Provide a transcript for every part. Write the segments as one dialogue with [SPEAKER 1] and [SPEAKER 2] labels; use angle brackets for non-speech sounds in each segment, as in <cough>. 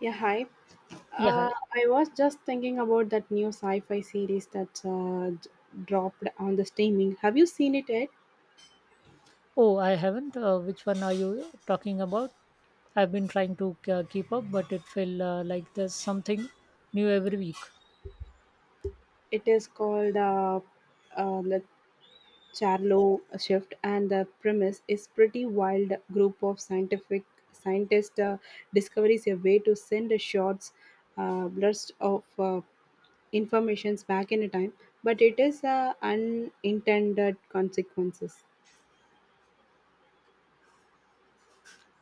[SPEAKER 1] Yeah, hi.
[SPEAKER 2] Yeah, hi.
[SPEAKER 1] I was just thinking about that new sci-fi series that dropped on the streaming. Have you seen it yet?
[SPEAKER 2] Oh, I haven't. Which one are you talking about? I've been trying to keep up, but it felt like there's something new every week.
[SPEAKER 1] It is called The Charlo Shift, and the premise is pretty wild. Group of scientific scientists discovers a way to send a short burst of informations back in a time, but it is unintended consequences.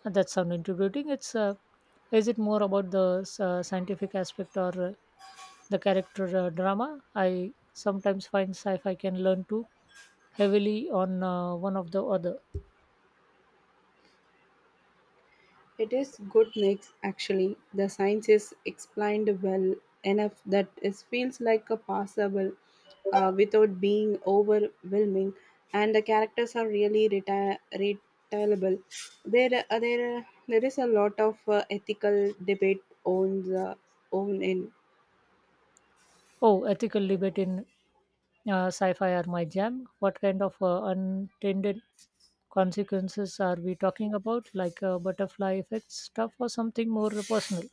[SPEAKER 2] That sounds intimidating. It's is it more about the scientific aspect or the character drama? I sometimes find sci-fi can learn too heavily on one of the other.
[SPEAKER 1] It is good mix actually. The science is explained well enough that it feels like a passable without being overwhelming, and the characters are really retailable. There is a lot of ethical debate on the own end.
[SPEAKER 2] Oh, ethical debate in sci-fi are my jam. What kind of untended consequences are we talking about, like a butterfly effect stuff or something more personal?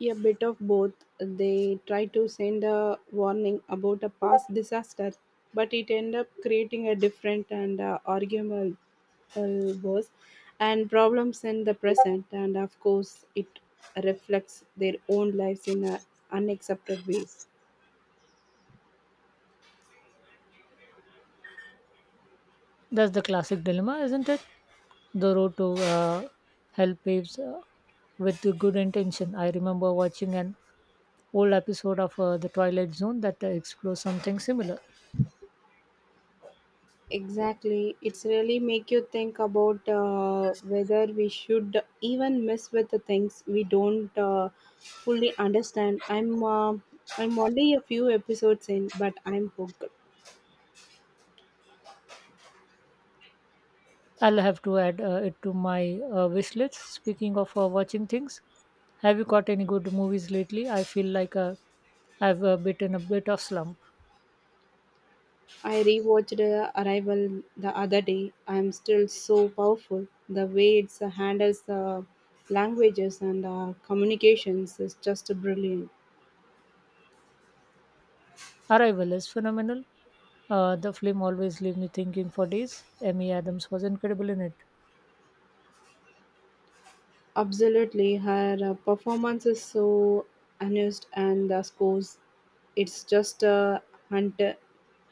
[SPEAKER 1] A bit of both. They try to send a warning about a past disaster, but it end up creating a different and arguable worse and problems in the present. And of course, it reflects their own lives in unaccepted ways.
[SPEAKER 2] That's the classic dilemma, isn't it? The road to help paves with the good intention. I remember watching an old episode of the Twilight Zone that explores something similar.
[SPEAKER 1] Exactly. It's really make you think about whether we should even mess with the things we don't fully understand. I'm only a few episodes in, but I'm hooked.
[SPEAKER 2] I'll have to add it to my wish list. Speaking of watching things, have you caught any good movies lately? I feel like I've bitten a bit of slump.
[SPEAKER 1] I rewatched Arrival the other day. I'm still so powerful. The way it handles the languages and communications is just brilliant.
[SPEAKER 2] Arrival is phenomenal. The film always leaves me thinking for days. Amy Adams was incredible in it.
[SPEAKER 1] Absolutely, her performance is so honest, and the scores, it's just hunt-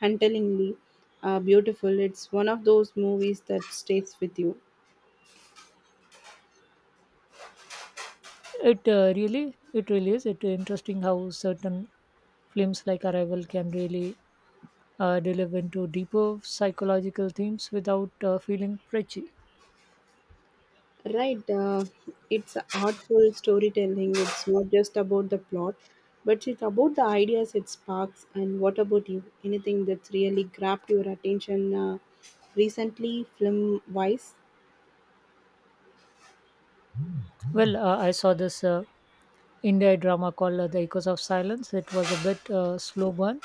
[SPEAKER 1] huntingly beautiful. It's one of those movies that stays with you.
[SPEAKER 2] It really is. It interesting how certain films like Arrival can really delve into deeper psychological themes without feeling preachy.
[SPEAKER 1] Right, it's a artful storytelling. It's not just about the plot, but it's about the ideas it sparks. And what about you? Anything that's really grabbed your attention recently, film wise?
[SPEAKER 2] Well, I saw this India drama called The Echoes of Silence. It was a bit slow burn,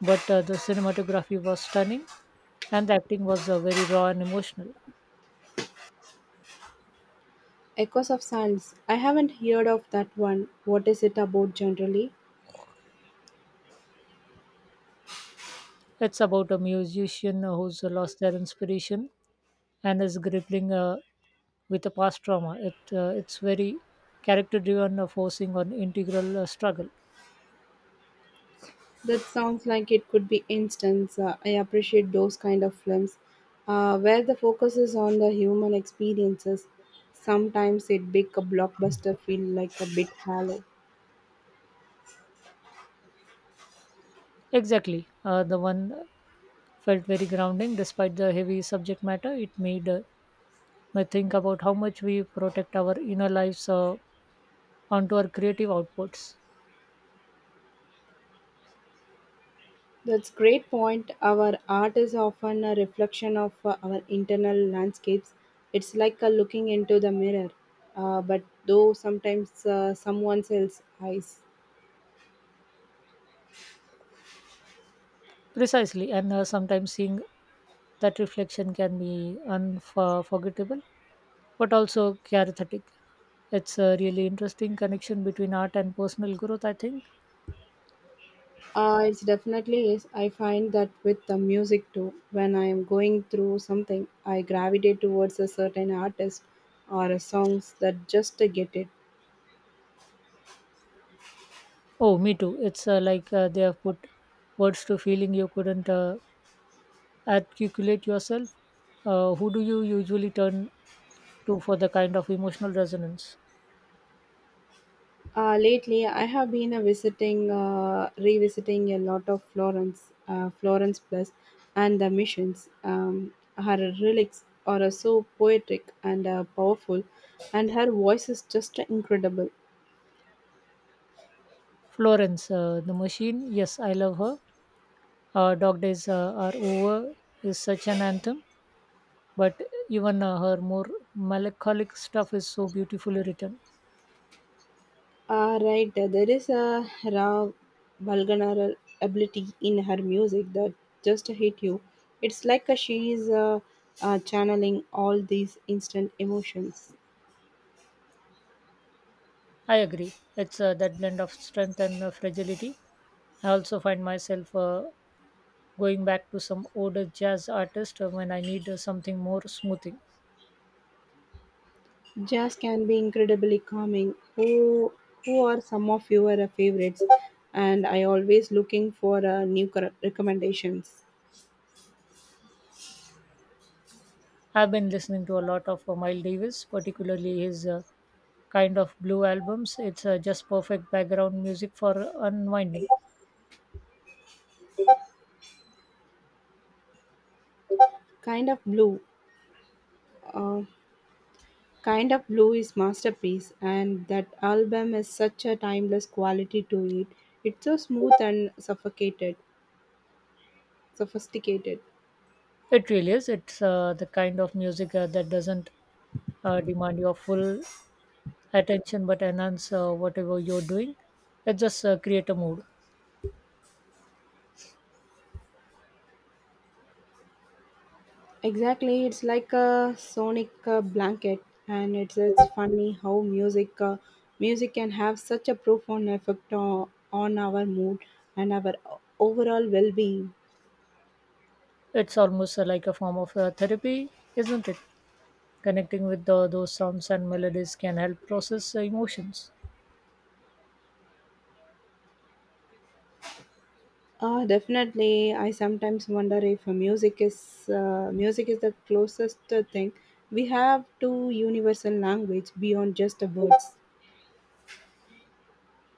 [SPEAKER 2] but the cinematography was stunning, and the acting was very raw and emotional.
[SPEAKER 1] Echoes of Sands. I haven't heard of that one. What is it about generally?
[SPEAKER 2] It's about a musician who's lost their inspiration and is grappling with a past trauma. It's very character driven, forcing on integral struggle.
[SPEAKER 1] That sounds like it could be instance. I appreciate those kind of films where the focus is on the human experiences. Sometimes it make a blockbuster feel like a bit hollow.
[SPEAKER 2] Exactly. The one felt very grounding despite the heavy subject matter. It made me think about how much we protect our inner lives onto our creative outputs.
[SPEAKER 1] That's great point. Our art is often a reflection of our internal landscapes. It's like a looking into the mirror, but though sometimes someone else's eyes.
[SPEAKER 2] Precisely. And sometimes seeing that reflection can be unforgettable, but also charismatic. It's a really interesting connection between art and personal growth, I think.
[SPEAKER 1] It's definitely is. I find that with the music too. When I am going through something, I gravitate towards a certain artist or a songs that just to get it.
[SPEAKER 2] Oh, me too. It's like they have put words to feeling you couldn't articulate yourself. Who do you usually turn to for the kind of emotional resonance?
[SPEAKER 1] Lately, I have been revisiting a lot of Florence, Florence Plus, and the missions. Her lyrics are so poetic and powerful, and her voice is just incredible.
[SPEAKER 2] Florence, the Machine. Yes, I love her. Dog Days Are Over is such an anthem, but even her more melancholic stuff is so beautifully written.
[SPEAKER 1] Ah, right. There is a raw vulnerable ability in her music that just hit you. It's like she is channeling all these instant emotions.
[SPEAKER 2] I agree. It's that blend of strength and fragility. I also find myself going back to some older jazz artist when I need something more smoothing.
[SPEAKER 1] Jazz can be incredibly calming. Who are some of your favorites? And I always looking for new cor- recommendations.
[SPEAKER 2] I've been listening to a lot of Miles Davis, particularly his Kind of Blue albums. It's just perfect background music for unwinding.
[SPEAKER 1] Kind of blue. Uh, Kind of Blue is masterpiece and that album has such a timeless quality to it. It's so smooth and sophisticated.
[SPEAKER 2] It really is. It's the kind of music that doesn't demand your full attention but enhance whatever you're doing. It just create a mood.
[SPEAKER 1] Exactly, it's like a sonic blanket and it's funny how music can have such a profound effect on our mood and our overall well-being.
[SPEAKER 2] It's almost like a form of therapy, isn't it? Connecting with those sounds and melodies can help process emotions.
[SPEAKER 1] Definitely, I sometimes wonder if music is the closest thing we have to universal language beyond just the words.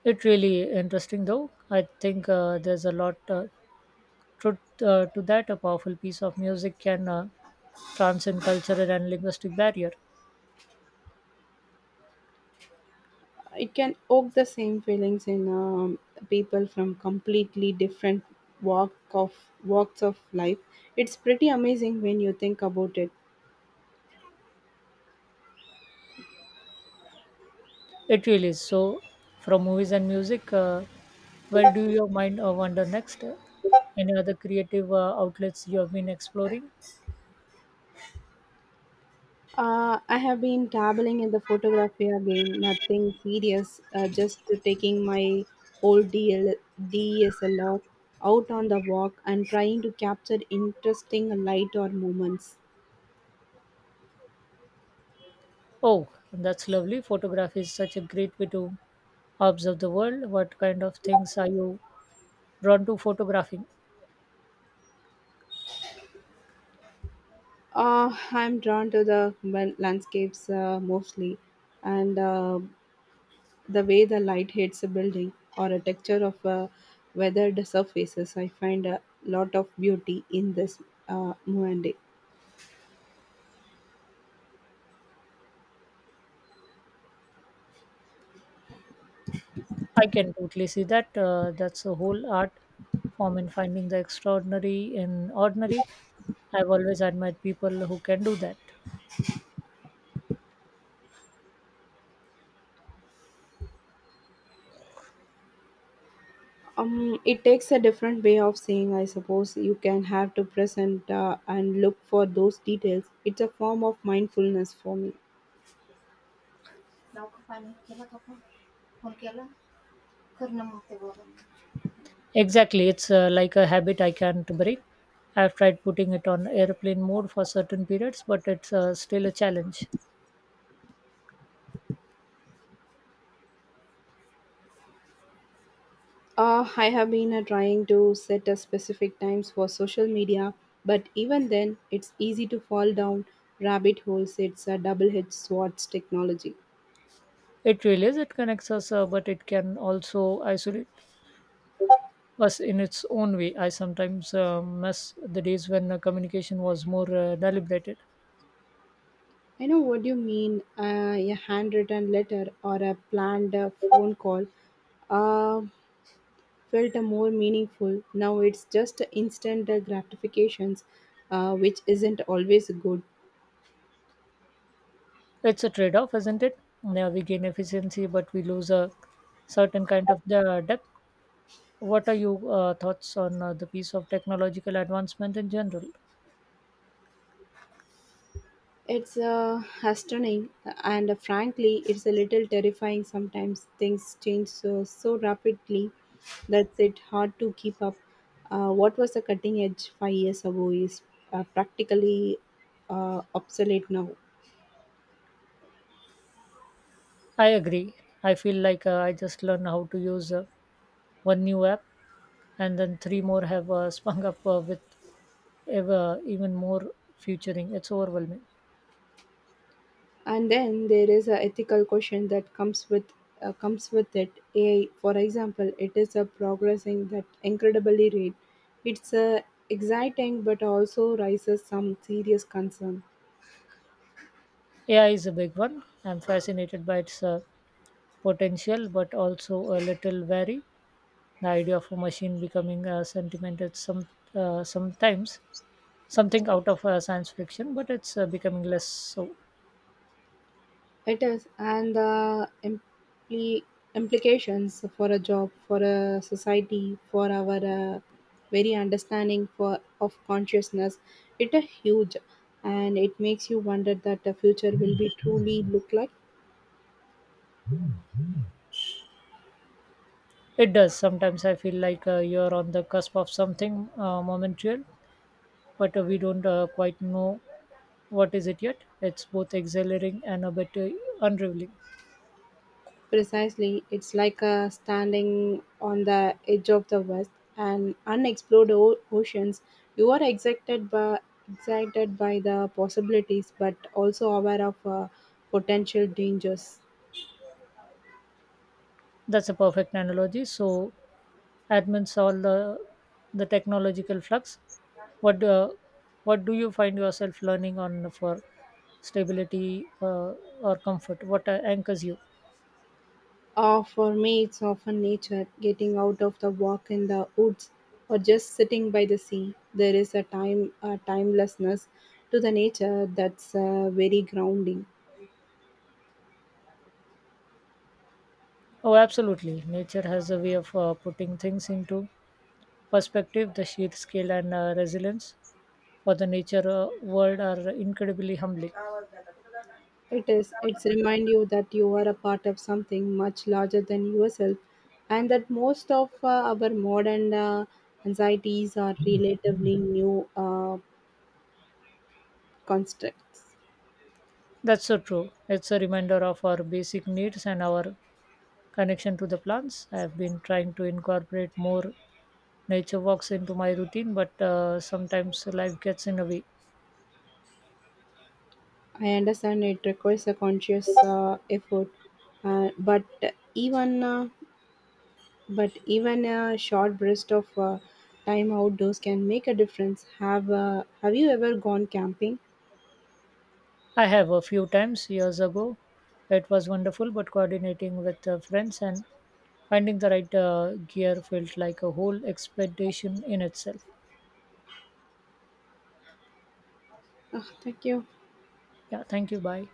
[SPEAKER 2] It really interesting though. I think there's a lot truth to that. A powerful piece of music can transcend cultural and linguistic barrier.
[SPEAKER 1] It can evoke the same feelings in people from completely different walk of walks of life. It's pretty amazing when you think about it.
[SPEAKER 2] It really is. So, from movies and music, where do your mind wander next? Any other creative outlets you have been exploring?
[SPEAKER 1] I have been dabbling in the photography again, nothing serious, just taking my old DSLR out on the walk and trying to capture interesting light or moments.
[SPEAKER 2] Oh, that's lovely. Photography is such a great way to observe the world. What kind of things are you drawn to photographing?
[SPEAKER 1] I'm drawn to the well, landscapes mostly and the way the light hits a building or a texture of weathered surfaces. I find a lot of beauty in this moment.
[SPEAKER 2] I can totally see that. That's a whole art form in finding the extraordinary in ordinary. I've always admired people who can do that.
[SPEAKER 1] It takes a different way of saying I suppose you can have to present and look for those details. It's a form of mindfulness for me.
[SPEAKER 2] Exactly. It's like a habit I can't break. I've tried putting it on airplane mode for certain periods, but it's still a challenge.
[SPEAKER 1] I have been trying to set a specific times for social media, but even then it's easy to fall down rabbit holes. It's a double-edged swords technology.
[SPEAKER 2] It really is. It connects us, but it can also isolate was in its own way. I sometimes miss the days when communication was more deliberated.
[SPEAKER 1] I know what you mean. A handwritten letter or a planned phone call Uh, felt a more meaningful. Now it's just instant gratifications, which isn't always good.
[SPEAKER 2] It's a trade off, isn't it? Yeah, we gain efficiency, but we lose a certain kind of the depth. What are your thoughts on the piece of technological advancement in general?
[SPEAKER 1] It's hastening, and frankly, it's a little terrifying sometimes. Things change so rapidly that's it hard to keep up. What was a cutting edge 5 years ago is practically obsolete now,
[SPEAKER 2] I agree. I feel like I just learn how to use one new app, and then three more have <laughs> sprung up with even more featuring. It's overwhelming.
[SPEAKER 1] and then there is a ethical question that comes with it. AI for example it is a progressing that incredibly rate. It's a exciting but also raises some serious concern.
[SPEAKER 2] AI is a big one. I'm fascinated by its potential but also a little wary. The idea of a machine becoming sentimental sometimes something out of science fiction, but it's becoming less so.
[SPEAKER 1] It is, and the implications for a job, for a society, for our very understanding for of consciousness, it is huge, and it makes you wonder that the future will be truly look like.
[SPEAKER 2] It does. Sometimes I feel like you're on the cusp of something momentary, but we don't quite know what is it yet. It's both exhilarating and a bit unraveling.
[SPEAKER 1] Precisely, it's like standing on the edge of the West and unexplored oceans. You are excited by excited by the possibilities, but also aware of potential dangers.
[SPEAKER 2] That's a perfect analogy. So, admins solve the technological flux. What do, what do you find yourself learning on for stability or comfort? What anchors you?
[SPEAKER 1] For me, it's often nature, getting out of the walk in the woods, or just sitting by the sea. There is a timelessness to the nature that's very grounding.
[SPEAKER 2] Oh, absolutely. Nature has a way of putting things into perspective. The sheer scale and resilience for the nature world are incredibly humbling.
[SPEAKER 1] It is. It's remind you that you are a part of something much larger than yourself, and that most of our modern anxieties are relatively new constructs.
[SPEAKER 2] That's so true. It's a reminder of our basic needs and our connection to the plants. I've been trying to incorporate more nature walks into my routine, but sometimes life gets in the way.
[SPEAKER 1] I understand it requires a conscious effort, uh, but even uh, but even a short burst of time outdoors can make a difference. Have you ever gone camping?
[SPEAKER 2] I have a few times years ago. It was wonderful, but coordinating with friends and finding the right gear felt like a whole expedition in itself.
[SPEAKER 1] Ah, thank you.
[SPEAKER 2] Yeah, thank you. Bye.